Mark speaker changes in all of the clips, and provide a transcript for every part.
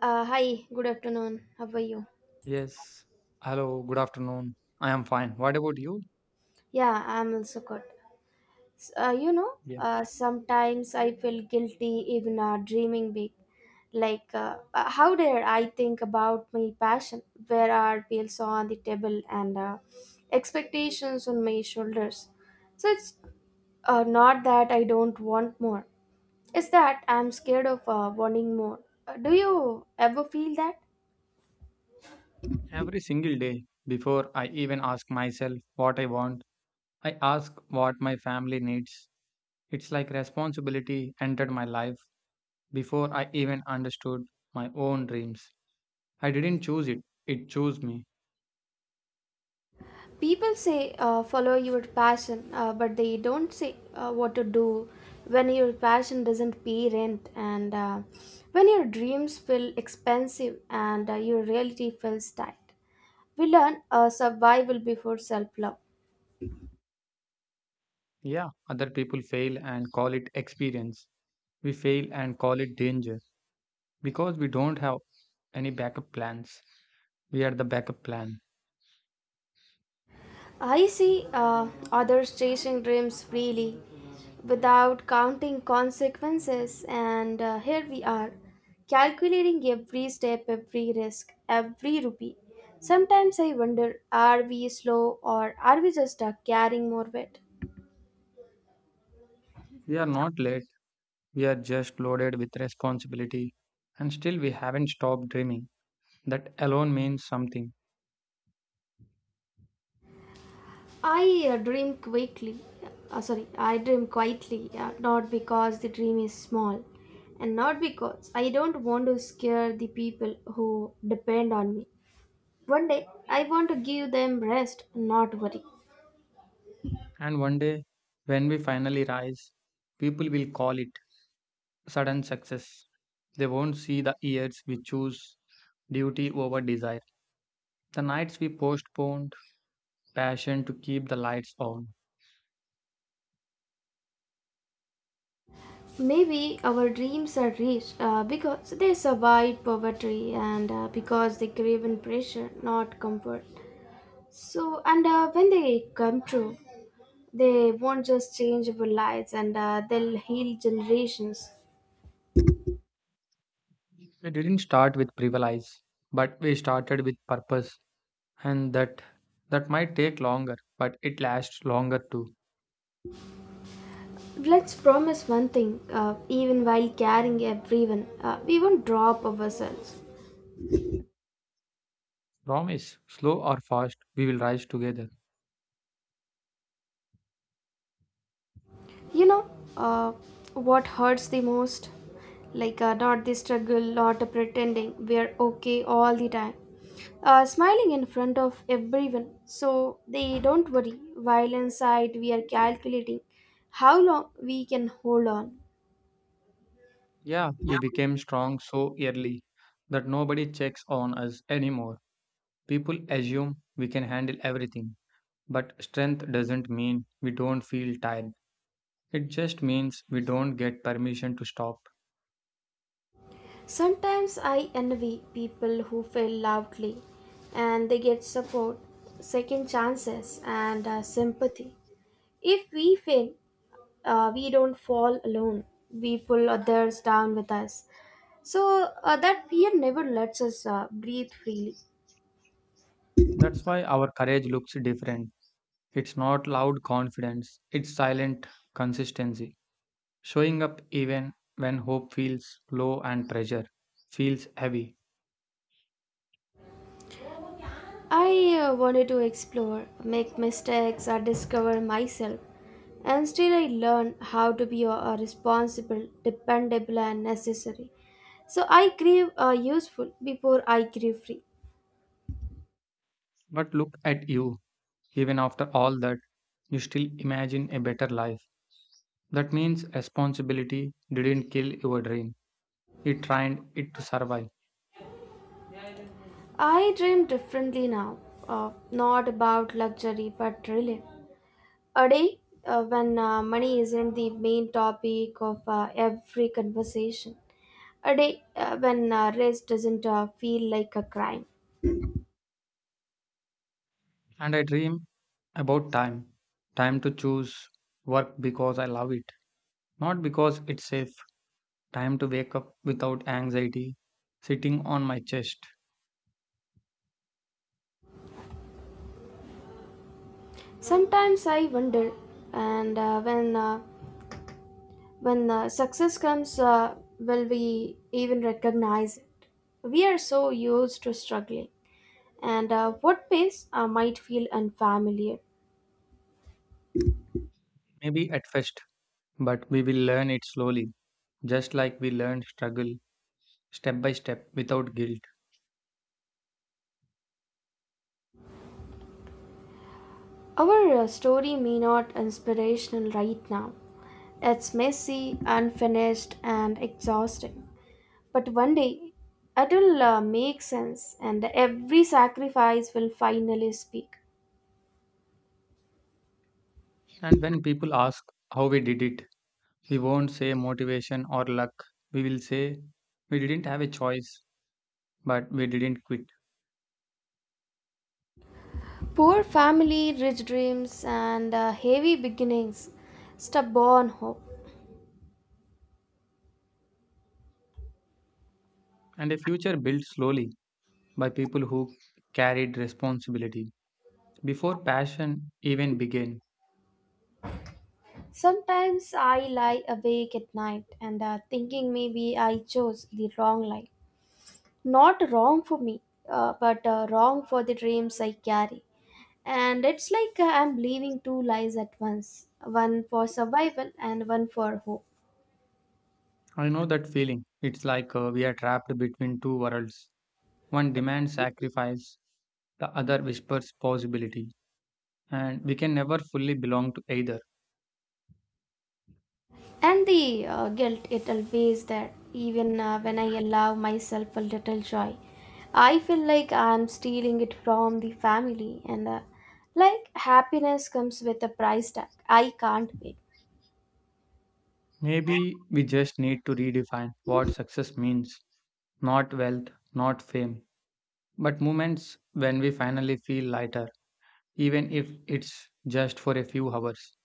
Speaker 1: Hi, good afternoon. How are you?
Speaker 2: Yes. Hello, good afternoon. I am fine. What about you?
Speaker 1: Yeah, I'm also good. S- Uh, you know,
Speaker 2: Yeah.
Speaker 1: uh, sometimes I feel guilty even dreaming big. Like, how dare I think about my passion? Where are bills on the table and expectations on my shoulders? So it's not that I don't want more. It's that I'm scared of wanting more. Do you ever feel that?
Speaker 2: Every single day, before I even ask myself what I want, I ask what my family needs. It's like responsibility entered my life before I even understood my own dreams. I didn't choose it, it chose me.
Speaker 1: People say follow your passion, but they don't say what to do when your passion doesn't pay rent, and when your dreams feel expensive and your reality feels tight. We learn survival before self love.
Speaker 2: Yeah, other people fail and call it experience. We fail and call it danger because we don't have any backup plans. We are the backup plan.
Speaker 1: I see others chasing dreams freely without counting consequences, and here we are, calculating every step, every risk, every rupee. Sometimes I wonder, are we slow or are we just carrying more weight?
Speaker 2: We are not late. We are just loaded with responsibility, and still we haven't stopped dreaming. That alone means something.
Speaker 1: I dream quickly. Sorry, I dream quietly, not because the dream is small and not because I don't want to scare the people who depend on me. One day, I want to give them rest, not worry.
Speaker 2: And one day, when we finally rise, people will call it sudden success. They won't see the years we choose duty over desire, the nights we postponed passion to keep the lights on.
Speaker 1: Maybe our dreams are rich because they survived poverty and because they crave in pressure, not comfort. So, and when they come true, they won't just change our lives, and they'll heal generations.
Speaker 2: We didn't start with privilege, but we started with purpose, and that might take longer, but it lasts longer too.
Speaker 1: Let's promise one thing, even while carrying everyone, we won't drop ourselves.
Speaker 2: Promise, slow or fast, we will rise together.
Speaker 1: You know, uh, what hurts the most? Like, not the struggle, not the pretending we're okay all the time. Smiling in front of everyone so they don't worry while inside we are calculating how long we can hold on.
Speaker 2: Yeah, we became strong so early that nobody checks on us anymore. People assume we can handle everything, but strength doesn't mean we don't feel tired. It just means we don't get permission to stop.
Speaker 1: Sometimes I envy people who fail loudly and they get support, second chances, and sympathy. If we fail, we don't fall alone, we pull others down with us, so that fear never lets us breathe freely.
Speaker 2: That's why our courage looks different. It's not loud confidence, it's silent consistency. Showing up even when hope feels low and pressure feels heavy.
Speaker 1: I wanted to explore, make mistakes, or discover myself, and still I learn how to be responsible, dependable, and necessary, so I crave useful before I crave free.
Speaker 2: But look at you. Even after all that, you still imagine a better life. That means responsibility didn't kill your dream, it trained it to survive.
Speaker 1: I dream differently now, not about luxury but relief. A day when money isn't the main topic of every conversation. A day when rest doesn't feel like a crime.
Speaker 2: And I dream about time, time to choose work because I love it, not because it's safe, time to wake up without anxiety sitting on my chest.
Speaker 1: Sometimes I wonder, and when success comes, will we even recognize it? We are so used to struggling, and what pace might feel unfamiliar.
Speaker 2: Maybe at first, but we will learn it slowly, just like we learned struggle step by step without guilt.
Speaker 1: Our story may not inspirational right now. It's messy, unfinished, and exhausting. But one day, it'll make sense, and every sacrifice will finally speak.
Speaker 2: And when people ask how we did it, we won't say motivation or luck. We will say we didn't have a choice, but we didn't quit.
Speaker 1: Poor family, rich dreams, and heavy beginnings, stubborn hope.
Speaker 2: And a future built slowly by people who carried responsibility before passion even began.
Speaker 1: Sometimes I lie awake at night and thinking maybe I chose the wrong life. Not wrong for me, but wrong for the dreams I carry. And it's like I'm living two lives at once, one for survival and one for hope.
Speaker 2: I know that feeling. It's like we are trapped between two worlds. One demands sacrifice, the other whispers possibility. And we can never fully belong to either.
Speaker 1: And the guilt, it always there, even when I allow myself a little joy. I feel like I'm stealing it from the family, and like happiness comes with a price tag I can't pay.
Speaker 2: Maybe we just need to redefine what success means, not wealth, not fame, but moments when we finally feel lighter, even if it's just for a few hours.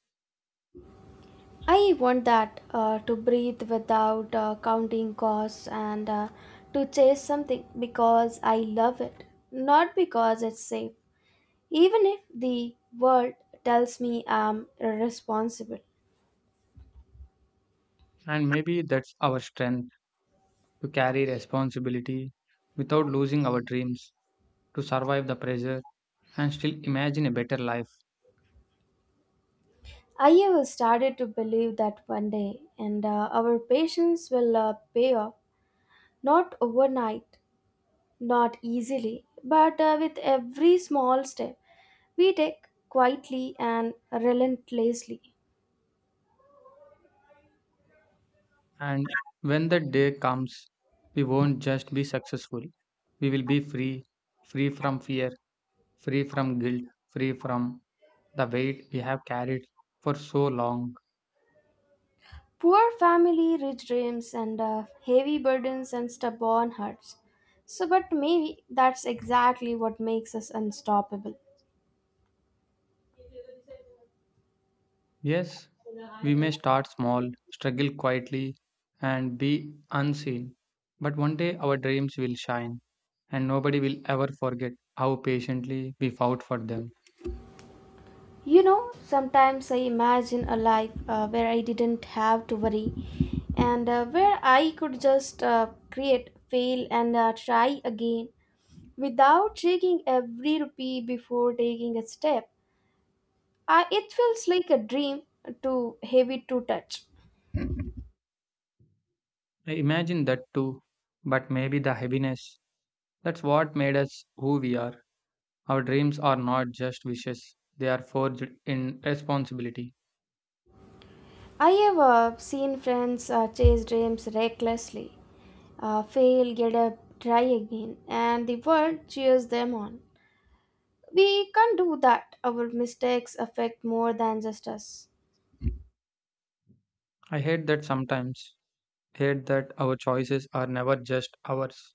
Speaker 1: I want that, to breathe without counting costs and to chase something because I love it, not because it's safe. Even if the world tells me I'm irresponsible,
Speaker 2: And maybe that's our strength, to carry responsibility without losing our dreams, to survive the pressure and still imagine a better life.
Speaker 1: I have started to believe that one day, and our patience will pay off. Not overnight, not easily, but with every small step we take quietly and relentlessly.
Speaker 2: And when the day comes, we won't just be successful, we will be free, free from fear, free from guilt, free from the weight we have carried for so long.
Speaker 1: Poor family, rich dreams, and heavy burdens and stubborn hearts. So, but maybe that's exactly what makes us unstoppable.
Speaker 2: Yes, we may start small, struggle quietly, and be unseen, but one day our dreams will shine, and nobody will ever forget how patiently we fought for them.
Speaker 1: You know, sometimes I imagine a life where I didn't have to worry and where I could just create, fail, and try again without shaking every rupee before taking a step. It feels like a dream too heavy to touch.
Speaker 2: I imagine that too, but maybe the heaviness, that's what made us who we are. Our dreams are not just wishes, they are forged in responsibility.
Speaker 1: I have seen friends chase dreams recklessly, fail, get up, try again, and the world cheers them on. We can't do that. Our mistakes affect more than just us.
Speaker 2: I hate that sometimes, hate that our choices are never just ours.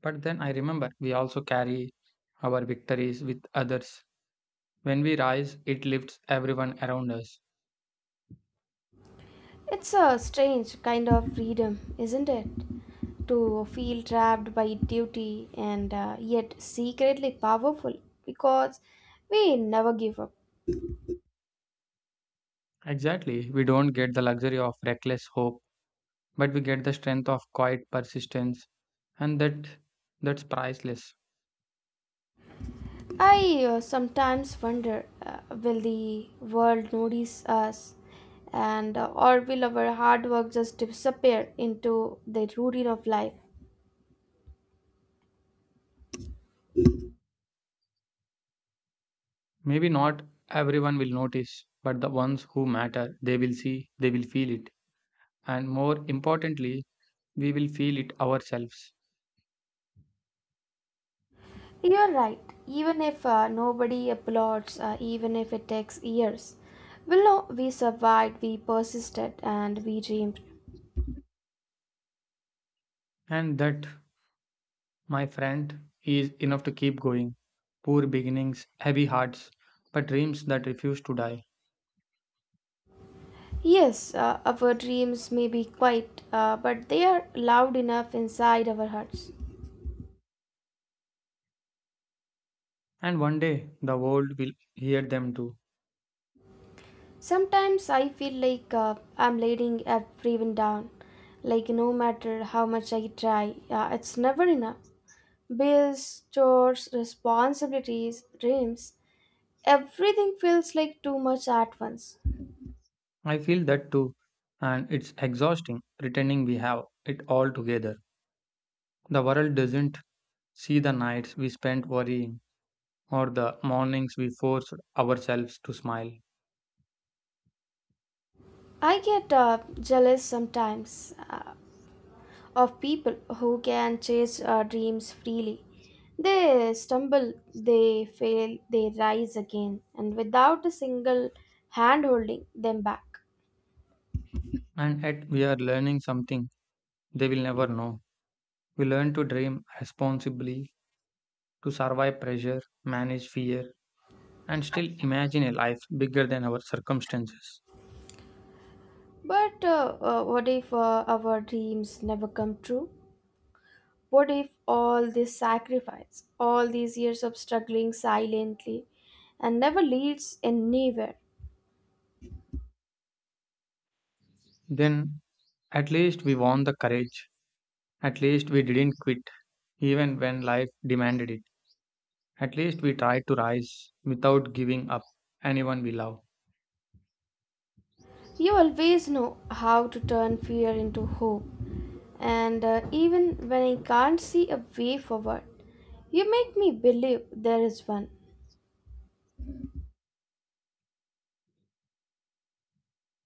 Speaker 2: But then I remember we also carry our victories with others. When we rise, it lifts everyone around us.
Speaker 1: It's a strange kind of freedom, isn't it? To feel trapped by duty and yet secretly powerful because we never give up.
Speaker 2: Exactly. We don't get the luxury of reckless hope, but we get the strength of quiet persistence, and that's priceless.
Speaker 1: I sometimes wonder, will the world notice us, and or will our hard work just disappear into the routine of life?
Speaker 2: Maybe not everyone will notice, but the ones who matter, they will see, they will feel it, and more importantly, we will feel it ourselves.
Speaker 1: You're right. Even if nobody applauds, even if it takes years, we know we survived, we persisted, and we dreamed.
Speaker 2: And that, my friend, he is enough to keep going. Poor beginnings, heavy hearts, but dreams that refuse to die.
Speaker 1: Yes, our dreams may be quiet, but they are loud enough inside our hearts.
Speaker 2: And one day the world will hear them too.
Speaker 1: Sometimes I feel like I'm letting everyone down. Like, no matter how much I try, it's never enough. Bills, chores, responsibilities, dreams, everything feels like too much at once.
Speaker 2: I feel that too. And it's exhausting pretending we have it all together. The world doesn't see the nights we spent worrying or the mornings we forced ourselves to smile.
Speaker 1: I get jealous sometimes, of people who can chase dreams freely. They stumble, they fail, they rise again, and without a single hand holding them back.
Speaker 2: And yet we are learning something they will never know. We learn to dream responsibly, to survive pressure, manage fear, and still imagine a life bigger than our circumstances.
Speaker 1: But what if our dreams never come true? What if all this sacrifice, all these years of struggling silently, and never leads anywhere?
Speaker 2: Then at least we won the courage. At least we didn't quit, even when life demanded it. At least we tried to rise without giving up anyone we love.
Speaker 1: You always know how to turn fear into hope. And even when I can't see a way forward, you make me believe there is one.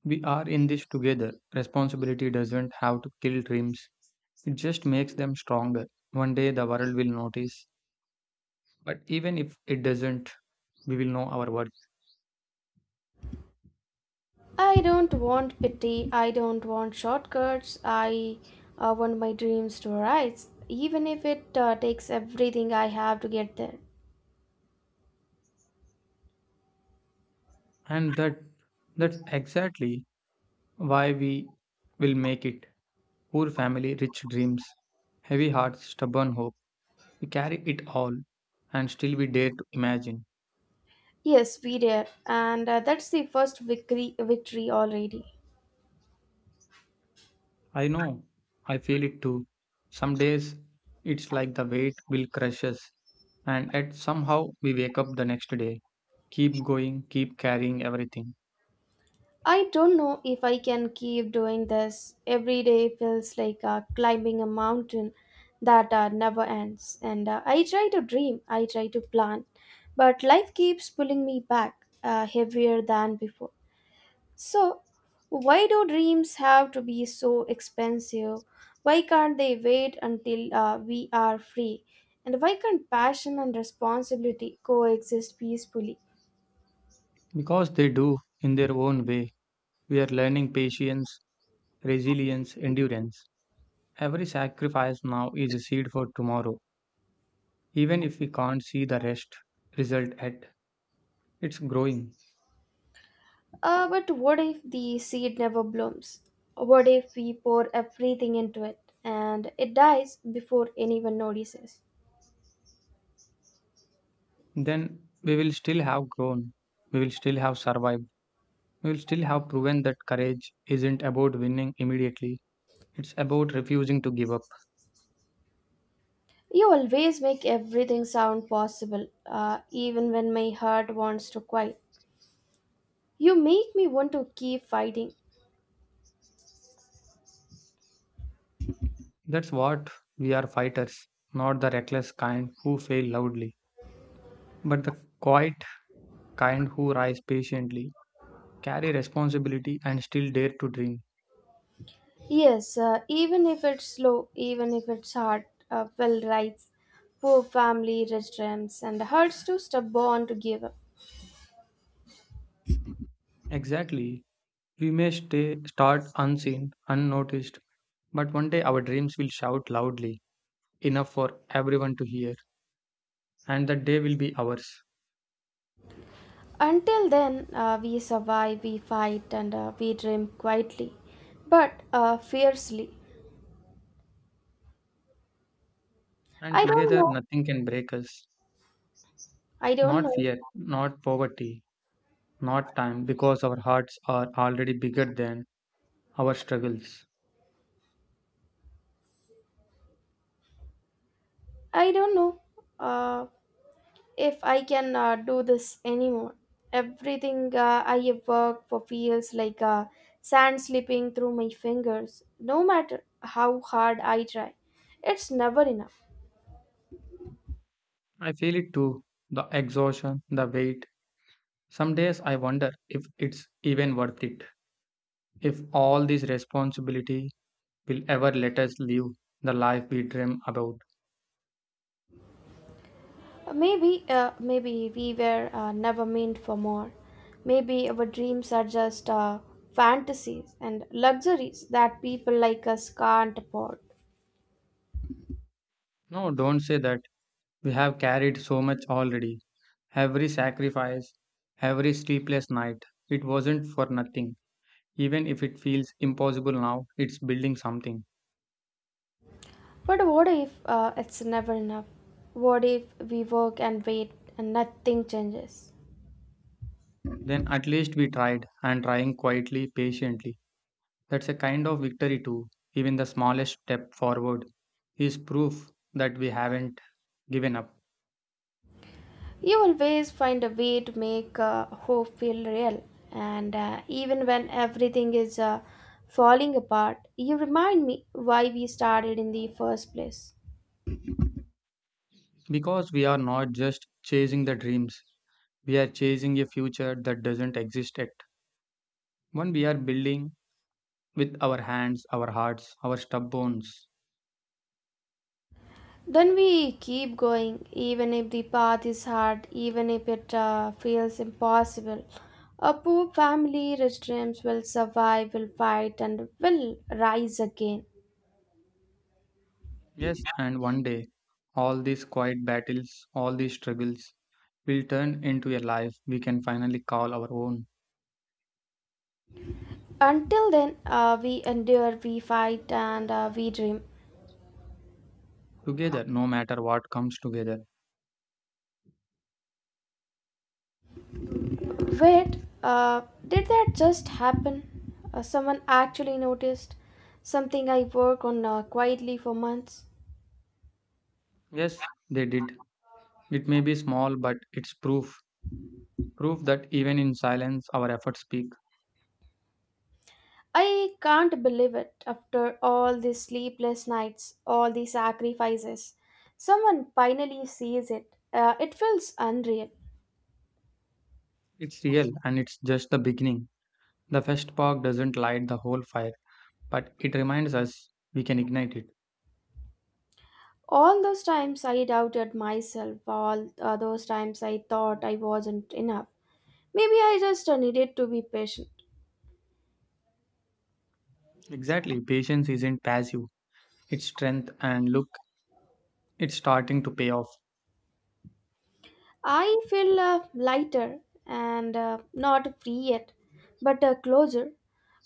Speaker 2: We are in this together. Responsibility doesn't have to kill dreams, it just makes them stronger. One day the world will notice, but even if it doesn't, we will know our worth.
Speaker 1: I don't want pity. I don't want shortcuts. I want my dreams to rise, even if it takes everything I have to get there.
Speaker 2: And that's exactly why we will make it. Poor family, rich dreams, heavy hearts, stubborn hope. We carry it all, and still we dare to imagine.
Speaker 1: Yes, we did, and that's the first victory already.
Speaker 2: I know, I feel it too. Some days it's like the weight will crush us, and yet somehow we wake up the next day, keep going, keep carrying everything.
Speaker 1: I don't know if I can keep doing this. Every day feels like climbing a mountain that never ends. And I try to dream, I try to plan, but life keeps pulling me back, heavier than before. So, why do dreams have to be so expensive? Why can't they wait until we are free? And why can't passion and responsibility coexist peacefully?
Speaker 2: Because they do, in their own way. We are learning patience, resilience, endurance. Every sacrifice now is a seed for tomorrow, even if we can't see the rest result yet, it's growing.
Speaker 1: But what if the seed never blooms? What if we pour everything into it and it dies before anyone notices?
Speaker 2: Then we will still have grown. We will still have survived. We will still have proven that courage isn't about winning immediately. It's about refusing to give up.
Speaker 1: You always make everything sound possible, even when my heart wants to quiet. You make me want to keep fighting.
Speaker 2: That's what we are, fighters, not the reckless kind who fail loudly, but the quiet kind who rise patiently, carry responsibility, and still dare to dream.
Speaker 1: Yes, even if it's slow, even if it's hard, Phil writes, poor family restaurants and hurts to stubborn to give up.
Speaker 2: Exactly. We may stay, start unseen, unnoticed, but one day our dreams will shout loudly, enough for everyone to hear, and that day will be ours.
Speaker 1: Until then, we survive, we fight, and we dream quietly, but fiercely.
Speaker 2: And
Speaker 1: I don't
Speaker 2: together,
Speaker 1: know.
Speaker 2: nothing can break us.
Speaker 1: I don't
Speaker 2: Not
Speaker 1: know.
Speaker 2: fear, not poverty, not time, because our hearts are already bigger than our struggles.
Speaker 1: I don't know. Uh, if I can do this anymore. Everything I have worked for feels like sand slipping through my fingers, no matter how hard I try. It's never enough.
Speaker 2: I feel it too, the exhaustion, the weight. Some days I wonder if it's even worth it, if all this responsibility will ever let us live the life we dream about.
Speaker 1: Maybe we were never meant for more. Maybe our dreams are just fantasies and luxuries that people like us can't afford.
Speaker 2: No, don't say that. We have carried so much already. Every sacrifice, every sleepless night, it wasn't for nothing. Even if it feels impossible now, it's building something.
Speaker 1: But what if it's never enough? What if we work and wait and nothing changes?
Speaker 2: Then at least we tried, and trying quietly, patiently. That's a kind of victory too. Even the smallest step forward is proof that we haven't given up.
Speaker 1: You always find a way to make hope feel real, and even when everything is falling apart, you remind me why we started in the first place.
Speaker 2: Because we are not just chasing the dreams, we are chasing a future that doesn't exist yet. One we are building with our hands, our hearts, our stubborns.
Speaker 1: Then we keep going, even if the path is hard, even if it feels impossible. A poor family, rich dreams will survive, will fight, and will rise again.
Speaker 2: Yes, and one day, all these quiet battles, all these struggles, will turn into a life we can finally call our own
Speaker 1: Until then, we endure, we fight, and we dream.
Speaker 2: together, no matter what comes together.
Speaker 1: Wait, uh, did that just happen? Someone actually noticed something I work on quietly for months.
Speaker 2: Yes, they did. It may be small, but it's proof. Proof that even in silence, our efforts speak.
Speaker 1: I can't believe it after all these sleepless nights, all these sacrifices. Someone finally sees it. It feels unreal.
Speaker 2: It's real and it's just the beginning. The first spark doesn't light the whole fire, but it reminds us we can ignite it.
Speaker 1: All those times I doubted myself, all those times I thought I wasn't enough. Maybe I just needed to be patient.
Speaker 2: Exactly, patience isn't passive, it's strength, and look, it's starting to pay off.
Speaker 1: I feel lighter and not free yet, but closer.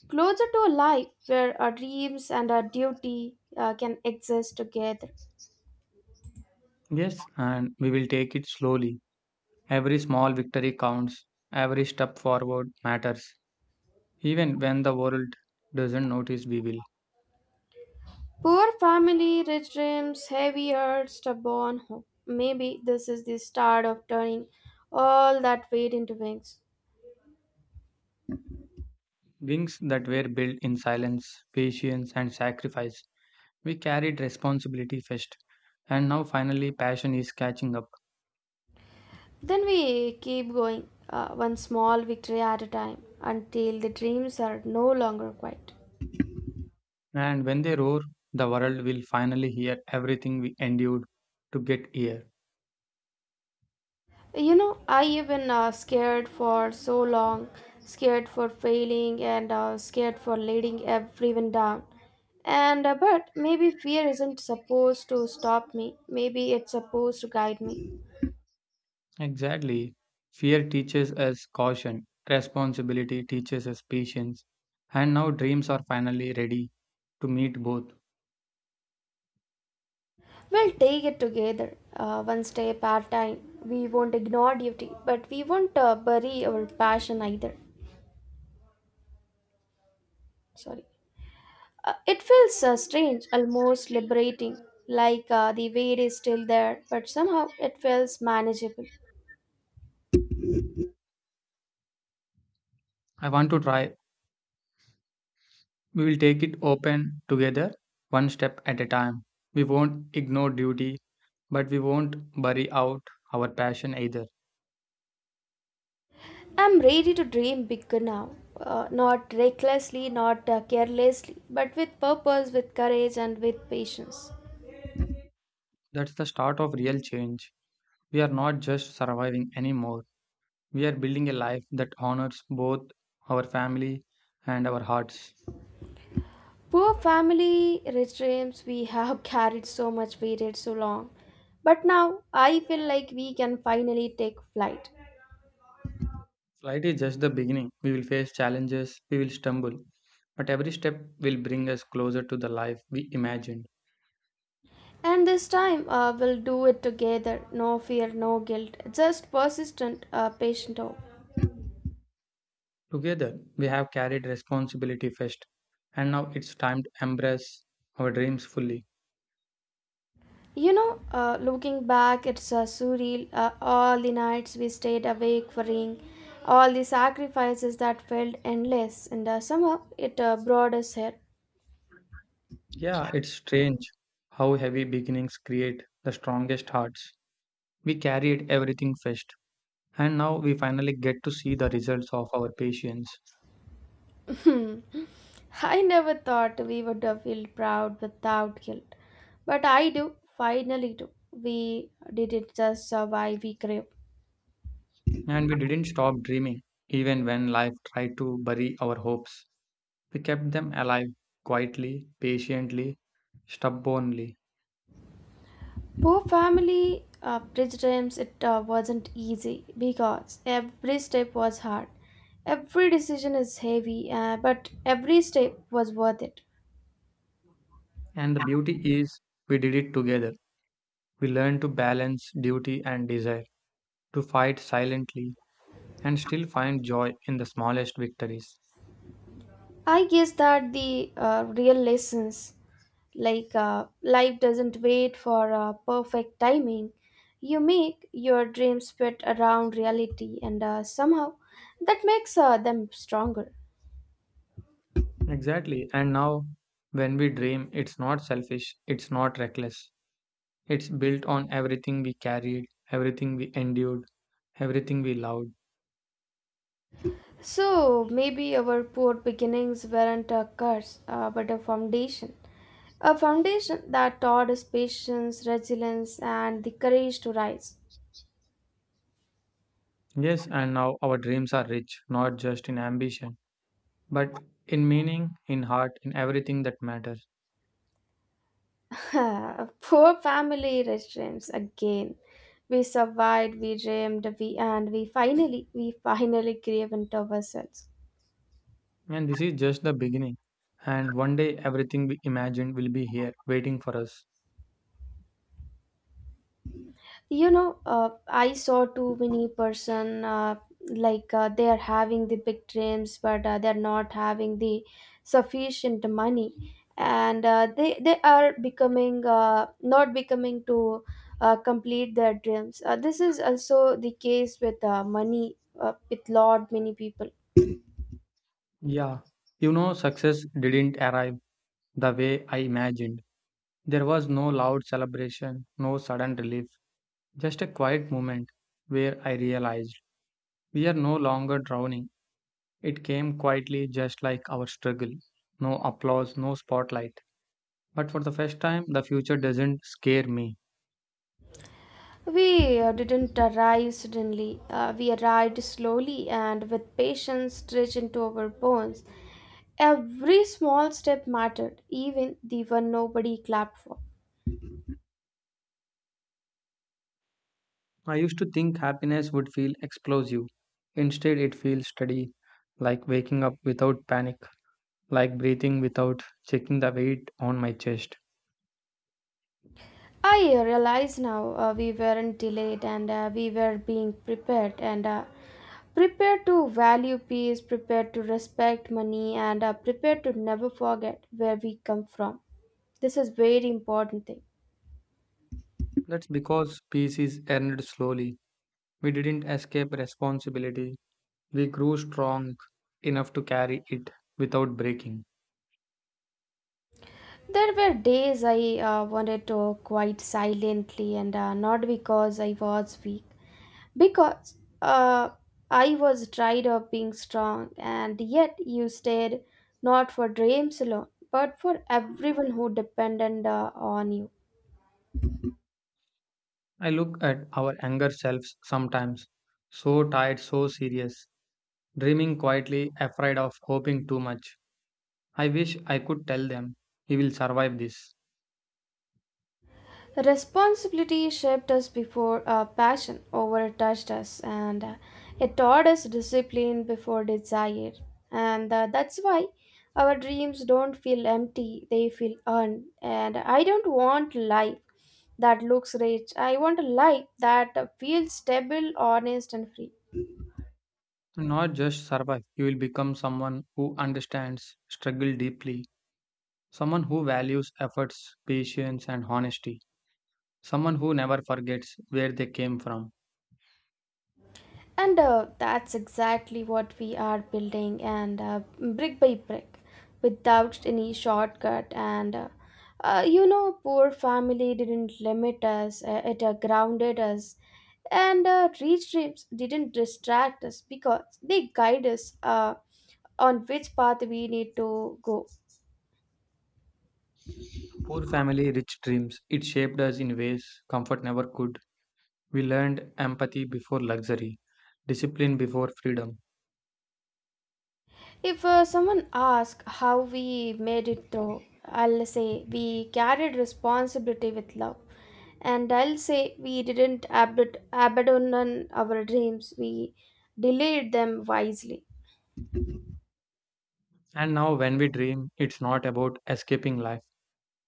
Speaker 1: Closer to a life where our dreams and our duty can exist together.
Speaker 2: Yes, and we will take it slowly. Every small victory counts, every step forward matters. Even when the world doesn't notice, we will.
Speaker 1: Poor family, rich dreams, heavy heart, stubborn hope. Maybe this is the start of turning all that weight into wings.
Speaker 2: Wings that were built in silence, patience, and sacrifice. We carried responsibility first, and now finally passion is catching up.
Speaker 1: Then we keep going, one small victory at a time, until the dreams are no longer quiet.
Speaker 2: And when they roar, the world will finally hear everything we endured to get here.
Speaker 1: You know, I even scared for so long, scared for failing and scared for letting everyone down. And but maybe fear isn't supposed to stop me. Maybe it's supposed to guide me.
Speaker 2: Exactly. Fear teaches us caution, responsibility teaches us patience, and now dreams are finally ready to meet both.
Speaker 1: We'll take it together, one step at a time. We won't ignore duty, but we won't bury our passion either. Sorry. It feels strange, almost liberating, like the weight is still there, but somehow it feels manageable.
Speaker 2: I want to try. We will take it open together, one step at a time. We won't ignore duty, but we won't bury out our passion either.
Speaker 1: I'm ready to dream big now. Not recklessly, not carelessly, but with purpose, with courage, and with patience.
Speaker 2: That's the start of real change. We are not just surviving anymore. We are building a life that honors both our family and our hearts.
Speaker 1: Poor family, rich dreams, we have carried so much weighted so long. But now I feel like we can finally take flight.
Speaker 2: Flight is just the beginning. We will face challenges, we will stumble, but every step will bring us closer to the life we imagined.
Speaker 1: And this time, we'll do it together. No fear, no guilt. Just persistent, patient hope.
Speaker 2: Together, we have carried responsibility first, and now it's time to embrace our dreams fully.
Speaker 1: You know, looking back, it's surreal. All the nights we stayed awake worrying, all the sacrifices that felt endless, and somehow it brought us here.
Speaker 2: Yeah, it's strange how heavy beginnings create the strongest hearts. We carried everything first, and now we finally get to see the results of our patience.
Speaker 1: I never thought we would feel proud without guilt, but I do, finally do. We didn't just survive, we grew.
Speaker 2: And we didn't stop dreaming, even when life tried to bury our hopes. We kept them alive quietly, patiently, stubbornly.
Speaker 1: Poor family bridge times it wasn't easy because every step was hard. Every decision is heavy, but every step was worth it.
Speaker 2: And the beauty is, we did it together. We learned to balance duty and desire, to fight silently and still find joy in the smallest victories.
Speaker 1: I guess that the real lessons, like life doesn't wait for perfect timing. You make your dreams fit around reality, and somehow that makes them stronger.
Speaker 2: Exactly. And now, when we dream, it's not selfish, it's not reckless. It's built on everything we carried, everything we endured, everything we loved.
Speaker 1: So maybe our poor beginnings weren't a curse, but a foundation. A foundation that taught us patience, resilience, and the courage to rise.
Speaker 2: Yes, and now our dreams are rich, not just in ambition, but in meaning, in heart, in everything that matters.
Speaker 1: Poor family restraints again. We survived, we dreamed, we finally gave into ourselves.
Speaker 2: And this is just the beginning. And one day, everything we imagined will be here, waiting for us.
Speaker 1: I saw too many person like they are having the big dreams but they are not having the sufficient money and uh, they are becoming not becoming to complete their dreams this is also the case with money with lot many people.
Speaker 2: Yeah. You know, success didn't arrive the way I imagined. There was no loud celebration, no sudden relief, just a quiet moment where I realized we are no longer drowning. It came quietly, just like our struggle. No applause, no spotlight. But for the first time, the future doesn't scare me.
Speaker 1: We didn't arrive suddenly. We arrived slowly and with patience stretched into our bones. Every small step mattered, even the one nobody clapped for.
Speaker 2: I used to think happiness would feel explosive. Instead, it feels steady, like waking up without panic, like breathing without checking the weight on my chest.
Speaker 1: I realize now we weren't delayed and we were being prepared and prepared to value peace, prepared to respect money, and prepared to never forget where we come from. This is very important thing.
Speaker 2: That's because peace is earned slowly. We didn't escape responsibility. We grew strong enough to carry it without breaking.
Speaker 1: There were days I wanted to quite silently and not because I was weak, because uh, I was tired of being strong, and yet you stayed not for dreams alone, but for everyone who depended on you.
Speaker 2: I look at our younger selves sometimes, so tired, so serious, dreaming quietly, afraid of hoping too much. I wish I could tell them, you will survive this.
Speaker 1: Responsibility shaped us before passion overtouched us, and it taught us discipline before desire. And that's why our dreams don't feel empty, they feel earned. And I don't want life that looks rich, I want a life that feels stable, honest, and free.
Speaker 2: Not just survive, you will become someone who understands struggle deeply, someone who values efforts, patience, and honesty, someone who never forgets where they came from.
Speaker 1: And that's exactly what we are building, and brick by brick, without any shortcut. And you know, poor family didn't limit us; it grounded us, and reach dreams didn't distract us because they guide us on which path we need to go.
Speaker 2: Poor family, rich dreams. It shaped us in ways comfort never could. We learned empathy before luxury, discipline before freedom.
Speaker 1: If someone asks how we made it through, I'll say we carried responsibility with love. And I'll say we didn't abandon our dreams, we delayed them wisely.
Speaker 2: And now, when we dream, it's not about escaping life,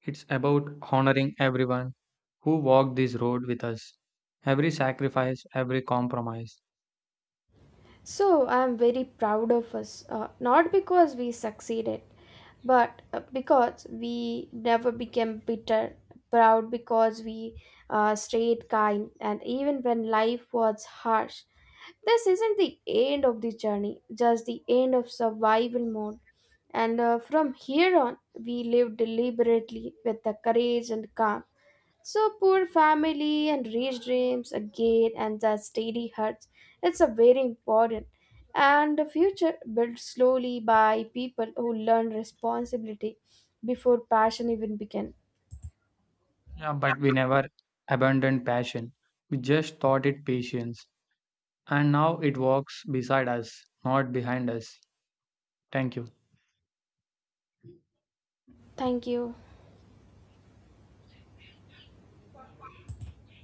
Speaker 2: it's about honoring everyone who walked this road with us. Every sacrifice, every compromise.
Speaker 1: So I am very proud of us, not because we succeeded, but because we never became bitter. Proud because we stayed kind, and even when life was harsh, this isn't the end of the journey, just the end of survival mode. And from here on, we live deliberately with the courage and calm so poor family and rich dreams again and that steady hearts. It's a very important. And the future built slowly by people who learn responsibility before passion even began.
Speaker 2: Yeah, but we never abandoned passion. We just taught it patience. And now it walks beside us, not behind us. Thank you.
Speaker 1: Thank you.